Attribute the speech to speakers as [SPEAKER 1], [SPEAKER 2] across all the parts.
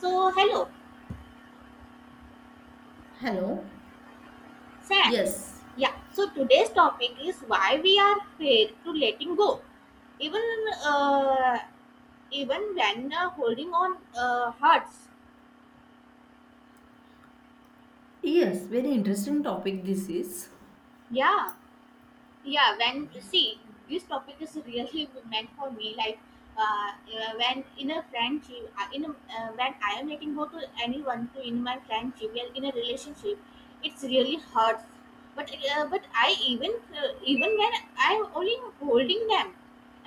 [SPEAKER 1] So, hello,
[SPEAKER 2] Hello.
[SPEAKER 1] Sam.
[SPEAKER 2] Yes.
[SPEAKER 1] Yeah, so today's topic is why we are afraid to letting go, even uh, even when holding on hurts.
[SPEAKER 2] Yes, very interesting topic this is.
[SPEAKER 1] Yeah. Yeah when see this topic is really meant for me like when in a friendship in a, when I am letting go to anyone to in my friendship well in a relationship it's really hurts but I even even when I am only holding them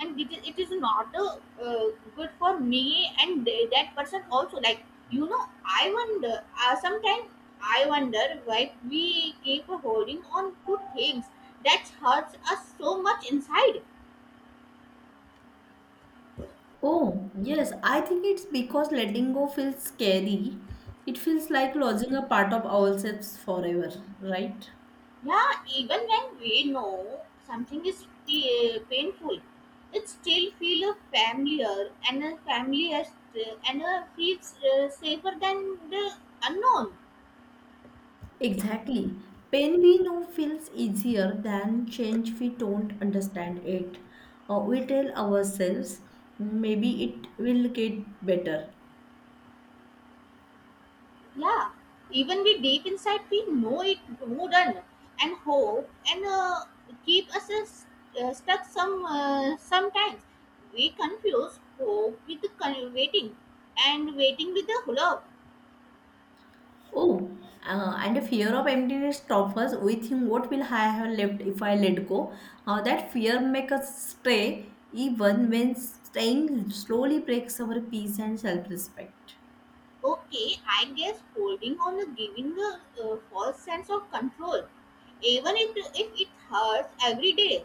[SPEAKER 1] and it is not good for me and that person also like I wonder sometimes I wonder why we keep holding on to things that hurts us so much inside.
[SPEAKER 2] Oh, yes, I think it's because letting go feels scary. It feels like losing a part of ourselves forever, right?
[SPEAKER 1] Yeah, even when we know something is painful, it still feels familiar and a familiar and a feels safer than the unknown.
[SPEAKER 2] Exactly. Pain we know feels easier than change we don't understand it. We tell ourselves maybe it will get better.
[SPEAKER 1] Yeah, even we deep inside we know it wouldn't and hope and keep us stuck sometimes. We confuse hope with the waiting and waiting with the hope.
[SPEAKER 2] Oh, and a fear of emptiness toppers within, what will I have left if I let go? That fear makes us stay even when staying slowly breaks our peace and self-respect.
[SPEAKER 1] Okay, I guess holding on and giving a false sense of control, even if it hurts every day.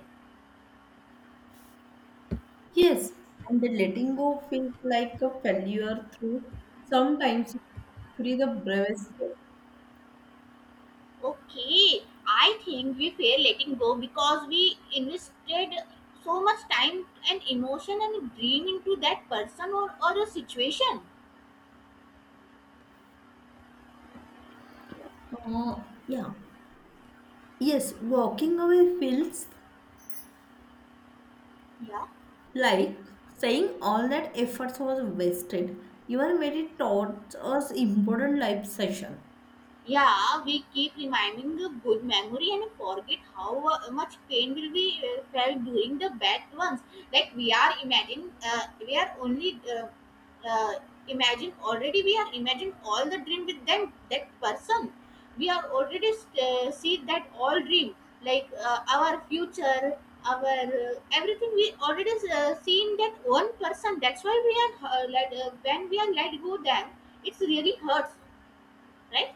[SPEAKER 2] Yes, and the letting go feels like a failure through sometimes it's actually the bravest step.
[SPEAKER 1] Okay, I think we fear letting go because we invested so much time and emotion and dream into that person or a situation.
[SPEAKER 2] Uh, yeah. Yes, walking away feels
[SPEAKER 1] Yeah.
[SPEAKER 2] like saying all that efforts was wasted. Your merit taught us important life session.
[SPEAKER 1] Yeah, we keep reminding the good memory and forget how much pain will be felt during the bad ones. Like we are imagine, we are only uh, imagine already. We are imagine all the dream with them that person. We are already see that all dream like our future, our everything. We already seen that one person. That's why we are when we are let go them, it's really hurts, right?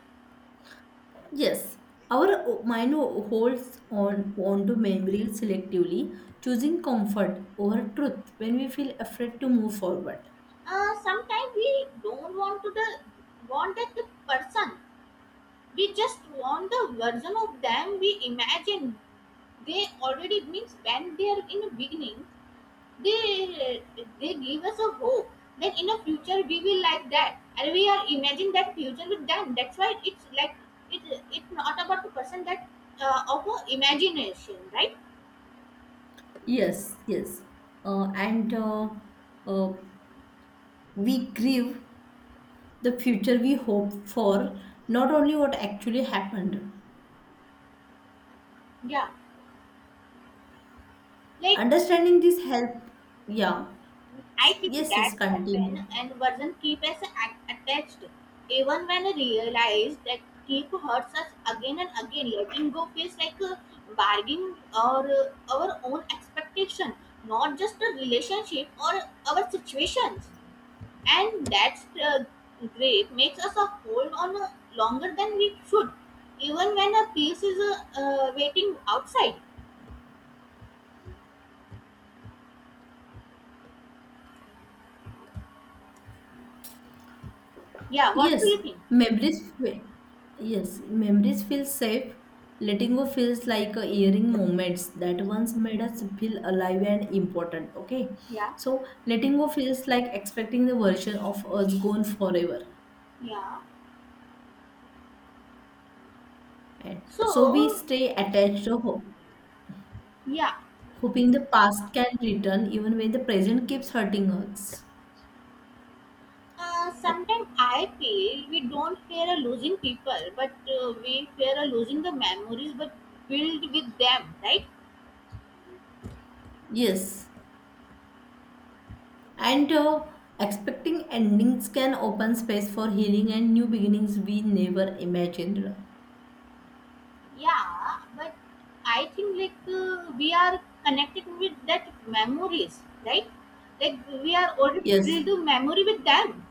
[SPEAKER 2] Yes, mind holds on onto memory selectively, choosing comfort over truth when we feel afraid to move forward.
[SPEAKER 1] sometimes we don't want to the want that the person we just want the version of them we imagine they already means when they are in the beginning they they give us a hope that in the future we will like that and we are imagining that future with them that's why it's like it it's not about the person that of a imagination, right?
[SPEAKER 2] Yes, yes, and uh, we grieve the future we hope for, not only what actually happened.
[SPEAKER 1] Yeah, like
[SPEAKER 2] Understanding this help, yeah.
[SPEAKER 1] I think
[SPEAKER 2] Yes, yes,
[SPEAKER 1] that
[SPEAKER 2] continue.
[SPEAKER 1] happened and wasn't keep as attached. Even when I realized that keep hurts us again and again, letting go feels like a bargaining or our own expectation, not just a relationship or our situations. And that's great makes us a hold on longer than we should, even when a piece is waiting outside. Yeah, what do
[SPEAKER 2] Yes,
[SPEAKER 1] you think?
[SPEAKER 2] memories fe- yes, memories feel safe. Letting go feels like a earring moments that once made us feel alive and important. Okay.
[SPEAKER 1] Yeah,
[SPEAKER 2] So letting go feels like expecting the version of us gone forever.
[SPEAKER 1] yeah.
[SPEAKER 2] And so we
[SPEAKER 1] So,
[SPEAKER 2] stay attached to hope,
[SPEAKER 1] yeah.
[SPEAKER 2] hoping the past can return even when the present keeps hurting us.
[SPEAKER 1] Sometimes I feel we don't fear a losing people, but we fear a losing the memories, but build with them, right?
[SPEAKER 2] Yes. And expecting endings can open space for healing and new beginnings we never imagined.
[SPEAKER 1] Yeah, but I think like we are connected with that memories, right? Like we are already build
[SPEAKER 2] Yes.
[SPEAKER 1] the memory with them.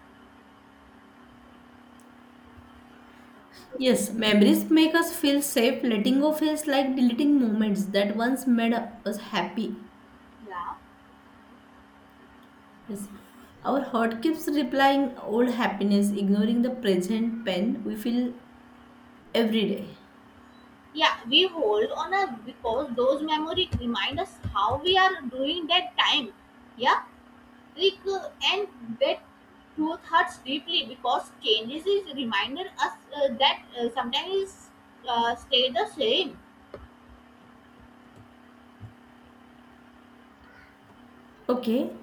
[SPEAKER 2] Yes, memories make us feel safe. Letting go feels like deleting moments that once made us happy.
[SPEAKER 1] Yeah,
[SPEAKER 2] Yes. Our heart keeps replying old happiness, ignoring the present pain we feel every day.
[SPEAKER 1] yeah, we hold on a because those memory remind us how we are doing that time. Yeah. Trick and that truth hurts deeply because changes is reminder us that sometimes stay the same.
[SPEAKER 2] Okay.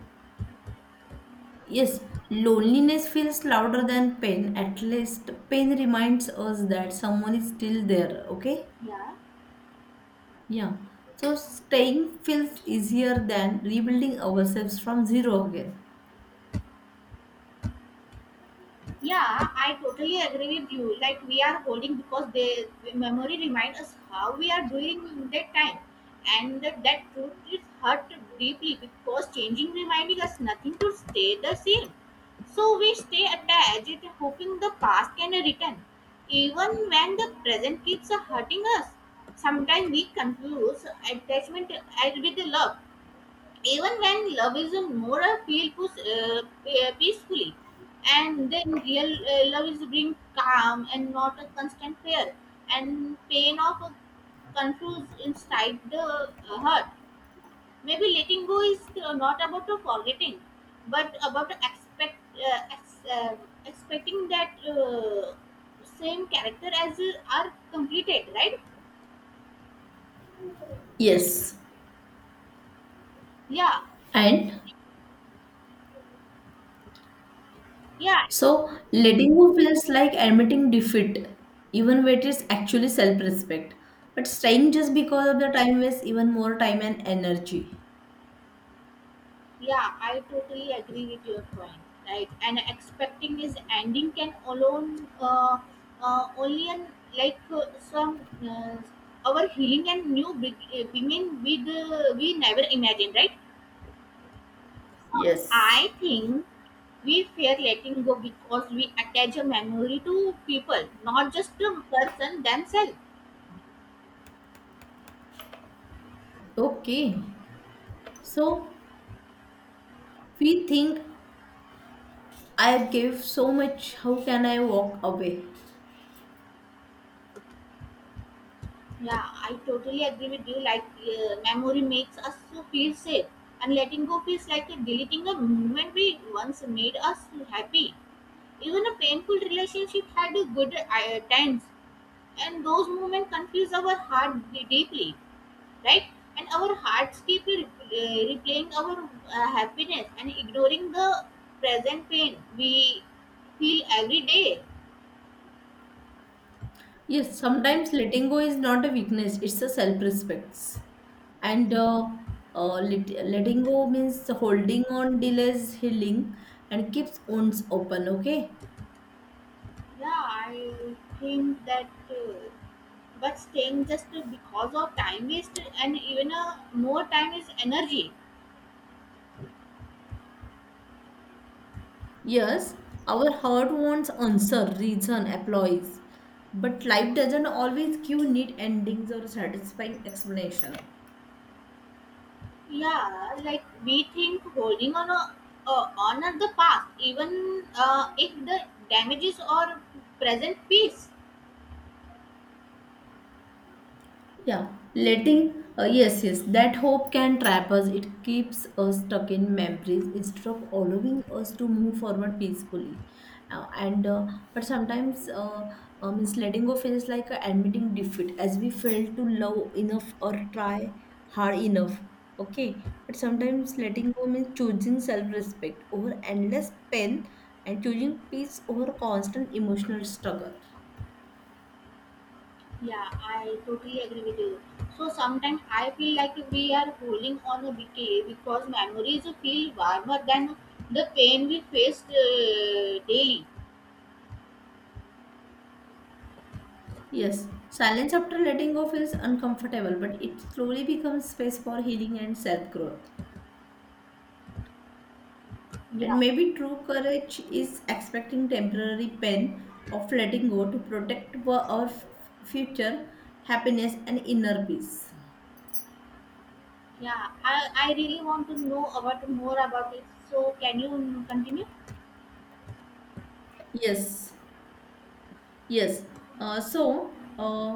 [SPEAKER 2] Yes, loneliness feels louder than pain. At least pain reminds us that someone is still there. Okay.
[SPEAKER 1] Yeah.
[SPEAKER 2] Yeah. So staying feels easier than rebuilding ourselves from zero again.
[SPEAKER 1] Yeah, I totally agree with you. Like we are holding because they the memory reminds us how we are doing that time, and that truth is hurt deeply because changing reminding us nothing to stay the same. So we stay attached, hoping the past can return, even when the present keeps hurting us. Sometimes we confuse attachment with love even when love is a moral feel push, peacefully and then real love is bring calm and not a constant fear and pain of a confuse inside the heart. Maybe letting go is not about forgetting but about expecting that same character as are completed, right?
[SPEAKER 2] Yes.
[SPEAKER 1] yeah
[SPEAKER 2] And
[SPEAKER 1] yeah.
[SPEAKER 2] so letting go feels like admitting defeat, even when it is actually self-respect. But staying just because of the time wastes even more time and energy.
[SPEAKER 1] Yeah, I totally agree with your point. Right, and expecting is ending can alone only an, like some uh, our healing and new beginning with we never imagined. Right,
[SPEAKER 2] Yes.
[SPEAKER 1] I think we fear letting go because we attach a memory to people, not just to person themselves.
[SPEAKER 2] Okay. So we think, I gave so much, how can I walk away?
[SPEAKER 1] Yeah, I totally agree with you. Like, memory makes us to feel safe, and letting go feels like a deleting a moment we once made us happy. Even a painful relationship had a good times, and those moments confuse our heart deeply, right? And our hearts keep replaying our happiness and ignoring the present pain we feel every day.
[SPEAKER 2] Yes, sometimes letting go is not a weakness, it's a self-respect. And letting go means holding on delays healing and keeps wounds open, okay?
[SPEAKER 1] Yeah, I think that. But staying just because of time waste and even more time is energy.
[SPEAKER 2] Yes, our heart wants answer, reason, applause. But life doesn't always give neat endings or satisfying explanation.
[SPEAKER 1] Yeah, like we think holding on a, on at the past even if the damages or present peace.
[SPEAKER 2] Yes, yes, that hope can trap us. It keeps us stuck in memories instead of allowing us to move forward peacefully. And but sometimes, means letting go feels like admitting defeat as we fail to love enough or try hard enough. Okay, but sometimes letting go means choosing self-respect over endless pain and choosing peace over constant emotional struggle.
[SPEAKER 1] Yeah I totally agree with you. So sometimes I feel like we are holding on a decay because memories feel warmer than the pain we faced daily.
[SPEAKER 2] Yes, silence after letting go feels uncomfortable, but it slowly becomes space for healing and self growth. And
[SPEAKER 1] Yeah.
[SPEAKER 2] maybe true courage is expecting temporary pain of letting go to protect our future happiness and inner peace.
[SPEAKER 1] Yeah, I really want to know about more about it. So can you continue?
[SPEAKER 2] Yes. Yes. Uh, so, uh,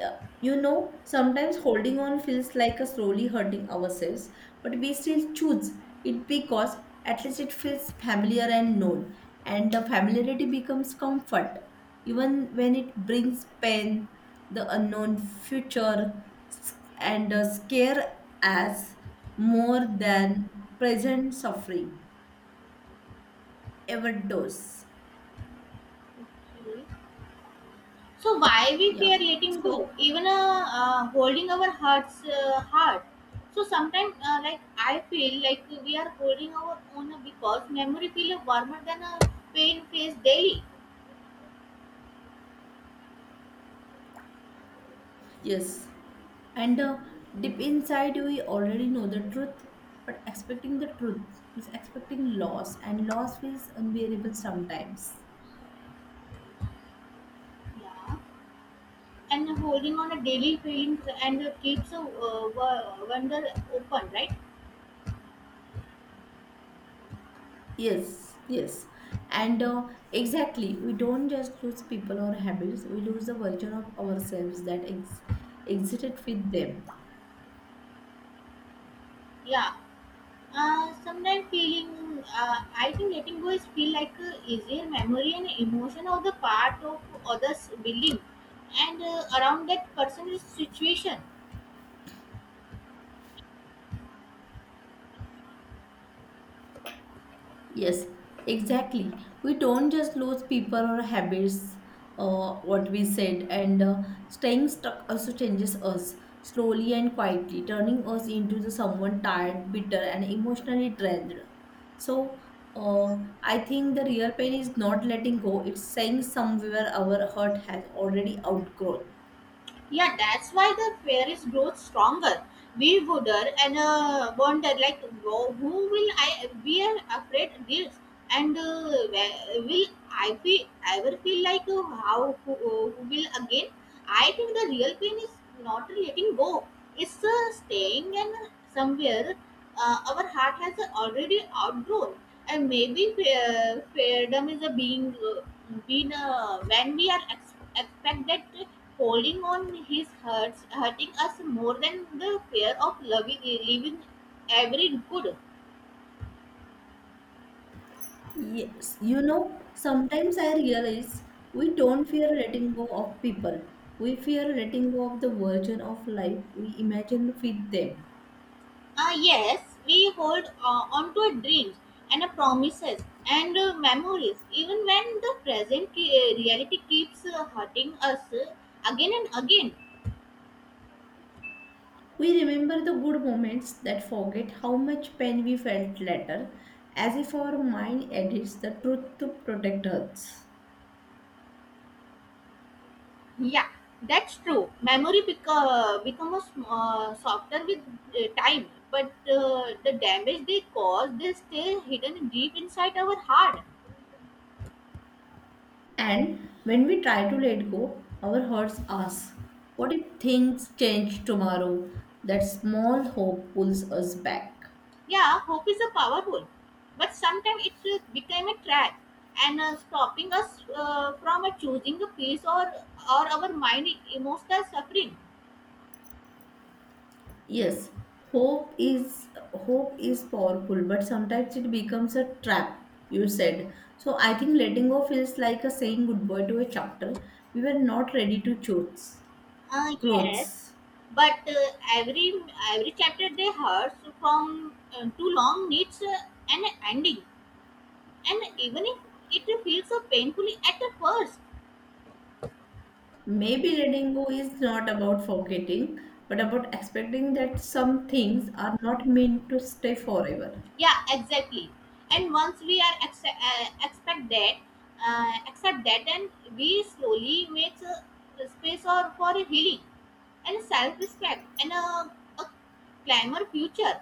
[SPEAKER 2] uh, you know, sometimes holding on feels like a slowly hurting ourselves, but we still choose it because at least it feels familiar and known, and the familiarity becomes comfort, even when it brings pain, the unknown future, s- and scare as more than present suffering ever does.
[SPEAKER 1] Okay. So why we
[SPEAKER 2] Yeah.
[SPEAKER 1] fear letting go,
[SPEAKER 2] So
[SPEAKER 1] even holding our hearts hard. So sometimes, like I feel like we are holding our own because memory feel warmer than a pain face daily.
[SPEAKER 2] yes. And deep inside, we already know the truth, but expecting the truth is expecting loss, and loss feels unbearable sometimes.
[SPEAKER 1] Yeah. And holding on a daily feeling and keeps a wonder open, right?
[SPEAKER 2] Yes, yes. And Exactly, we don't just lose people or habits, we lose the version of ourselves that exited with them.
[SPEAKER 1] Yeah. Sometimes feeling, I think letting go is feel like easier memory and emotion of the part of others building and around that person's situation.
[SPEAKER 2] Yes, exactly. We don't just lose people or habits, what we said, and staying stuck also changes us slowly and quietly, turning us into the someone tired, bitter, and emotionally drained. So, uh, I think the real pain is not letting go; it's saying somewhere our hurt has already outgrown.
[SPEAKER 1] Yeah, that's why the fairies grow stronger. We wonder and wonder like who will I we are afraid this and will I feel ever feel like who will again? I think the real pain is not letting go. It's staying and somewhere our heart has already outgrown and maybe freedom is a being being when we are expect that holding on his hurts hurting us more than the fear of loving leaving every good.
[SPEAKER 2] Yes, you know, sometimes I realize we don't fear letting go of people. We fear letting go of the version of life we imagined with them.
[SPEAKER 1] Ah, yes, we hold on to our dreams and promises and memories even when the present reality keeps hurting us again and again.
[SPEAKER 2] We remember the good moments that forget how much pain we felt later, as if our mind edits the truth to protect us.
[SPEAKER 1] Yeah, that's true. Memory becomes softer with time, but the damage they cause, they stay hidden deep inside our heart.
[SPEAKER 2] And when we try to let go, our hearts ask, what if things change tomorrow? That small hope pulls us back.
[SPEAKER 1] Yeah, hope is a powerful, but sometimes it will become a trap and stopping us from choosing a peace or our mind emotional suffering.
[SPEAKER 2] Yes, Hope is powerful, but sometimes it becomes a trap, you said. So I think letting go feels like a saying goodbye to a chapter. We were not ready to choose
[SPEAKER 1] Yes,
[SPEAKER 2] clothes.
[SPEAKER 1] but every every chapter they hurts from too long needs an ending. And even if it feels so painfully at the first.
[SPEAKER 2] Maybe letting go is not about forgetting, but about expecting that some things are not meant to stay forever.
[SPEAKER 1] Yeah exactly. And once we are expect that accept that and we slowly makes a space or for a healing and self-respect and a climber future.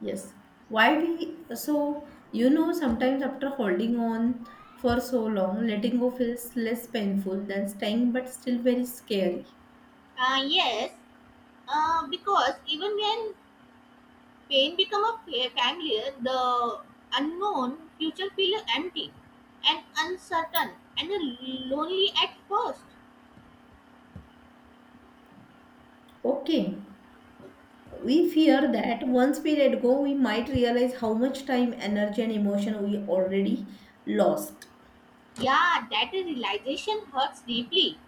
[SPEAKER 2] Yes. Why we so you know sometimes after holding on for so long, letting go feels less painful than staying, but still very scary.
[SPEAKER 1] Yes because even when pain become a familiar the unknown future feel empty and uncertain and lonely at first.
[SPEAKER 2] Okay. We fear that once we let go, we might realize how much time, energy, and emotion we already lost.
[SPEAKER 1] Yeah, that realization hurts deeply.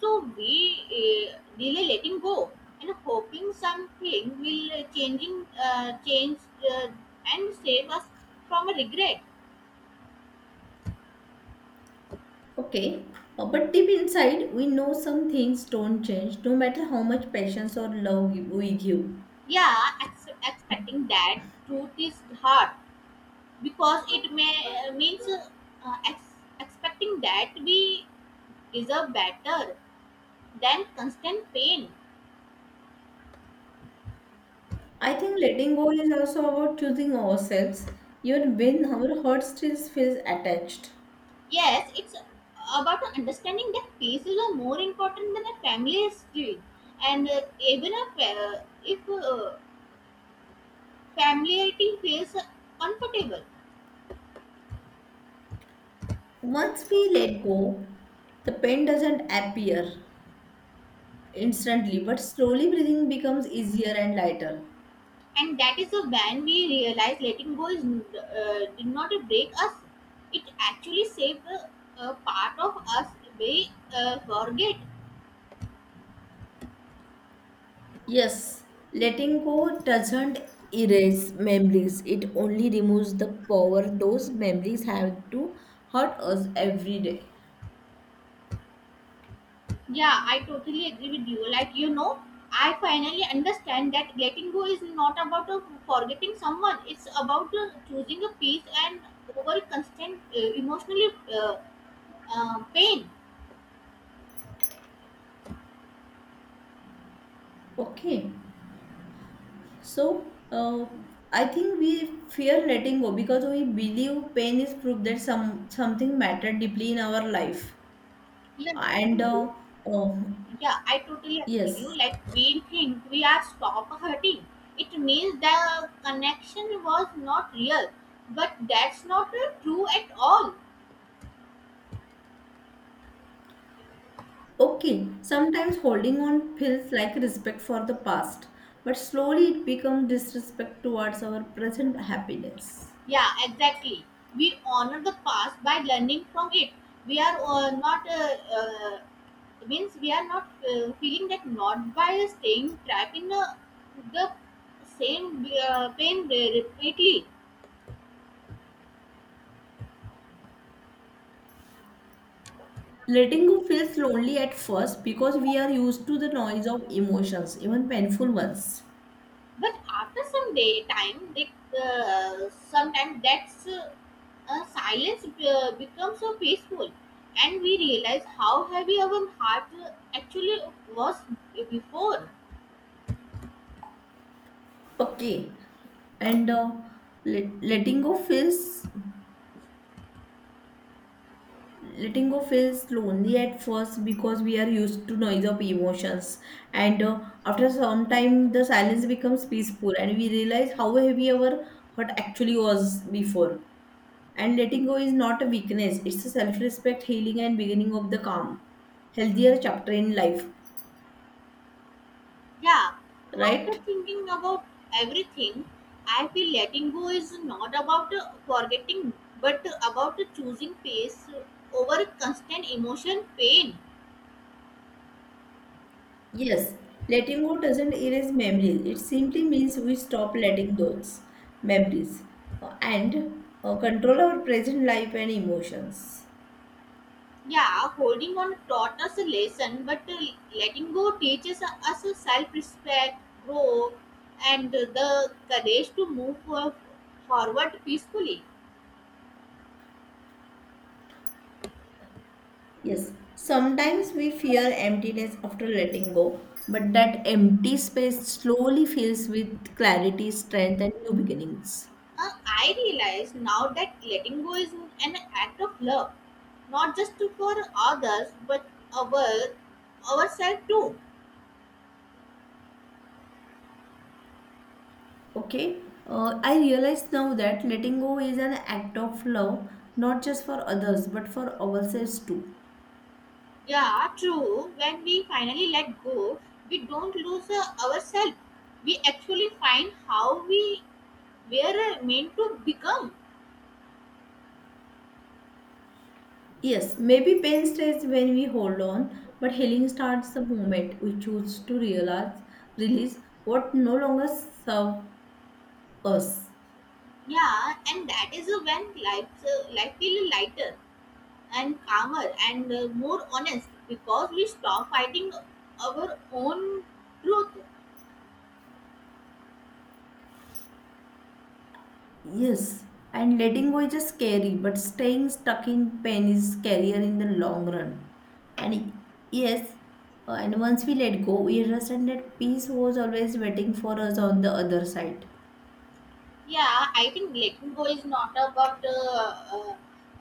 [SPEAKER 1] So we really letting go and hoping something will changing change uh, and save us from a regret.
[SPEAKER 2] Okay. But deep inside, we know some things don't change, no matter how much patience or love we give.
[SPEAKER 1] Yeah, expecting that truth is hard because it may means expecting that we deserve better than constant pain.
[SPEAKER 2] I think letting go is also about choosing ourselves, even when our heart still feels attached.
[SPEAKER 1] Yes, it's about understanding that pieces are more important than a family history. And even a, if familiarity feels comfortable,
[SPEAKER 2] Once we let go, the pain doesn't appear instantly, but slowly breathing becomes easier and lighter.
[SPEAKER 1] and that is the when we realize letting go is did not break us. It actually saved a part of us we forget.
[SPEAKER 2] Yes, letting go doesn't erase memories, it only removes the power those memories have to hurt us every day.
[SPEAKER 1] Yeah, I totally agree with you. Like, you know, I finally understand that letting go is not about forgetting someone, it's about choosing a peace and over constant emotional pain.
[SPEAKER 2] Okay. So, I think we fear letting go because we believe pain is proof that some something mattered deeply in our life.
[SPEAKER 1] Yeah,
[SPEAKER 2] And uh,
[SPEAKER 1] absolutely.
[SPEAKER 2] oh,
[SPEAKER 1] Yeah, I totally agree with
[SPEAKER 2] yes,
[SPEAKER 1] you. Like, we think we are stop hurting. It means the connection was not real, but that's not true at all.
[SPEAKER 2] okay. Sometimes holding on feels like respect for the past, but slowly it becomes disrespect towards our present happiness.
[SPEAKER 1] Yeah, exactly. We honor the past by learning from it. We are not means we are not feeling that not by staying trapped in the same pain repeatedly.
[SPEAKER 2] Letting go feels lonely at first because we are used to the noise of emotions, even painful ones.
[SPEAKER 1] But after some day time, they, sometimes that's silence becomes so peaceful, and we realize how heavy our heart actually was before.
[SPEAKER 2] Okay, and let, letting go feels letting go feels lonely at first because we are used to noise of emotions, and after some time the silence becomes peaceful and we realize how heavy our heart actually was before, and letting go is not a weakness, it's a self-respect, healing and beginning of the calm, healthier chapter in life,
[SPEAKER 1] Yeah, after
[SPEAKER 2] right?
[SPEAKER 1] thinking about everything, I feel letting go is not about forgetting but about choosing peace over constant emotion pain.
[SPEAKER 2] Yes, letting go doesn't erase memories, it simply means we stop letting those memories and control our present life and emotions.
[SPEAKER 1] Yeah, holding on taught us a lesson, but letting go teaches us self respect, growth, and the courage to move forward peacefully.
[SPEAKER 2] Yes, sometimes we fear emptiness after letting go, but that empty space slowly fills with clarity, strength, and new beginnings.
[SPEAKER 1] I realize now that letting go is an act of love, not just for others but our ourselves too.
[SPEAKER 2] Okay, I realize now that letting go is an act of love, not just for others, but for ourselves too.
[SPEAKER 1] Yeah, true. When we finally let go, we don't lose ourselves. We actually find how we were meant to become.
[SPEAKER 2] Yes, maybe pain stays when we hold on, but healing starts the moment we choose to realize, release what no longer serves us.
[SPEAKER 1] Yeah, and that is when life life feels lighter and calmer and more honest because we stop fighting our own truth.
[SPEAKER 2] Yes, and letting go is just scary, but staying stuck in pain is scarier in the long run. And yes, and once we let go, we understand that peace was always waiting for us on the other side.
[SPEAKER 1] Yeah, I think letting go is not about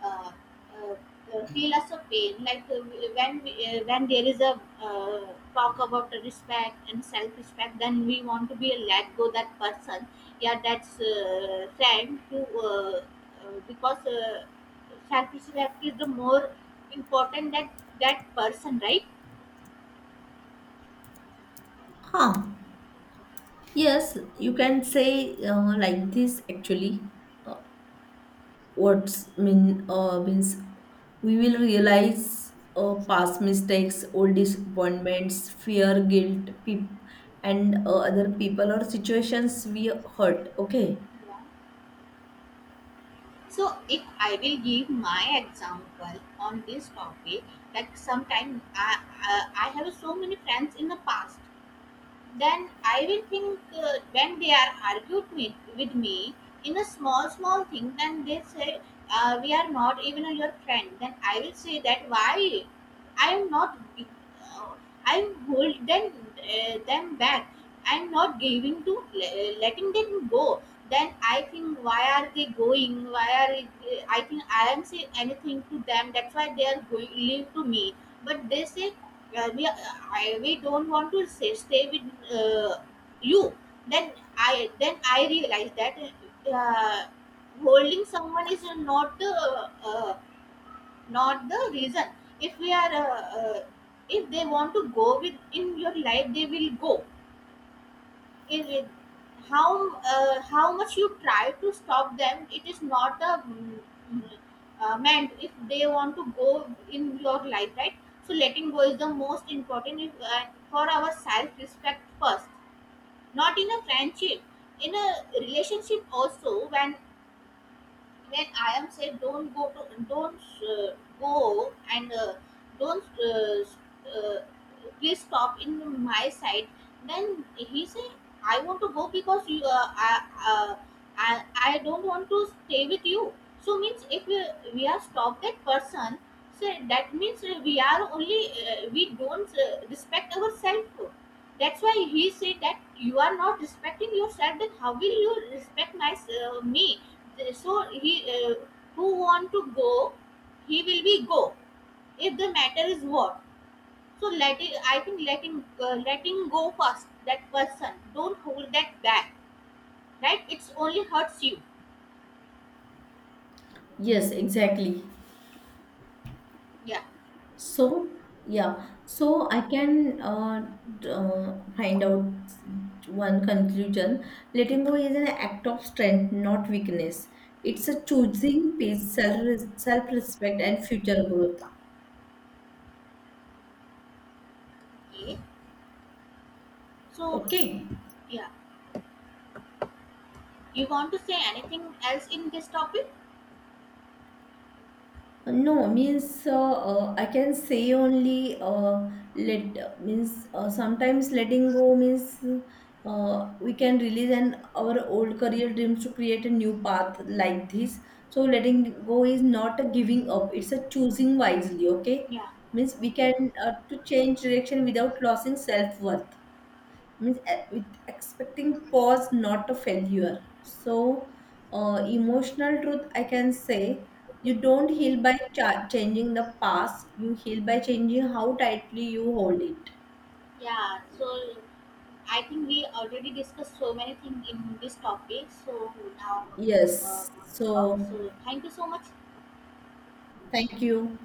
[SPEAKER 1] uh, uh, feel us a pain. Like when when there is a talk about the respect and self respect, then we want to be a let go that person. Yeah, that's friend to because self respect is the more important that that person, right?
[SPEAKER 2] Huh. Yes, you can say like this actually. What's mean means we will realize past mistakes, old disappointments, fear, guilt, peop- and other people or situations we hurt, okay?
[SPEAKER 1] Yeah. So, if I will give my example on this topic, like sometime I have so many friends in the past, then I will think when they are argued with me in a small, small thing, then they say, we are not even your friend. Then I will say that why I am not, uh, I am holding them, them back. I am not giving to letting them go. Then I think why are they going? Why are I think I am saying anything to them. That's why they are going leave to me. But they say well, we don't want to say, stay with you. Then then I realized that uh, holding someone is not the not the reason. If we are if they want to go with in your life, they will go it how much you try to stop them it is not a mm, meant if they want to go in your life, right? So letting go is the most important if, for our self respect first, not in a friendship, in a relationship also when I am said don't go to don't uh, go and don't uh, please stop in my side, then he say I want to go because you uh, I don't want to stay with you. So means if we are stop that person, so that means we are only we don't respect ourselves. That's why he said that you are not respecting yourself then how will you respect my me. So he who want to go he will be go if the matter is what. So let it, I think letting go first that person, don't hold that back, right? It's only hurts you.
[SPEAKER 2] Yes, exactly.
[SPEAKER 1] Yeah.
[SPEAKER 2] So yeah, so I can find out one conclusion: letting go is an act of strength, not weakness. It's a choosing peace, self self respect and future growth.
[SPEAKER 1] Okay, so
[SPEAKER 2] Okay.
[SPEAKER 1] yeah, you want to say anything else in this topic?
[SPEAKER 2] No, means I can say only let means sometimes letting go means we can release an our old career dreams to create a new path like this. So letting go is not a giving up; it's a choosing wisely. Okay,
[SPEAKER 1] Yeah,
[SPEAKER 2] means we can to change direction without losing self worth, means with expecting pause not a failure. So emotional truth I can say, you don't heal by changing the past, you heal by changing how tightly you hold it.
[SPEAKER 1] yeah, so I think we already discussed so many things in this topic, so now uh,
[SPEAKER 2] Yes,
[SPEAKER 1] stop.
[SPEAKER 2] so
[SPEAKER 1] So thank you so much.
[SPEAKER 2] thank you.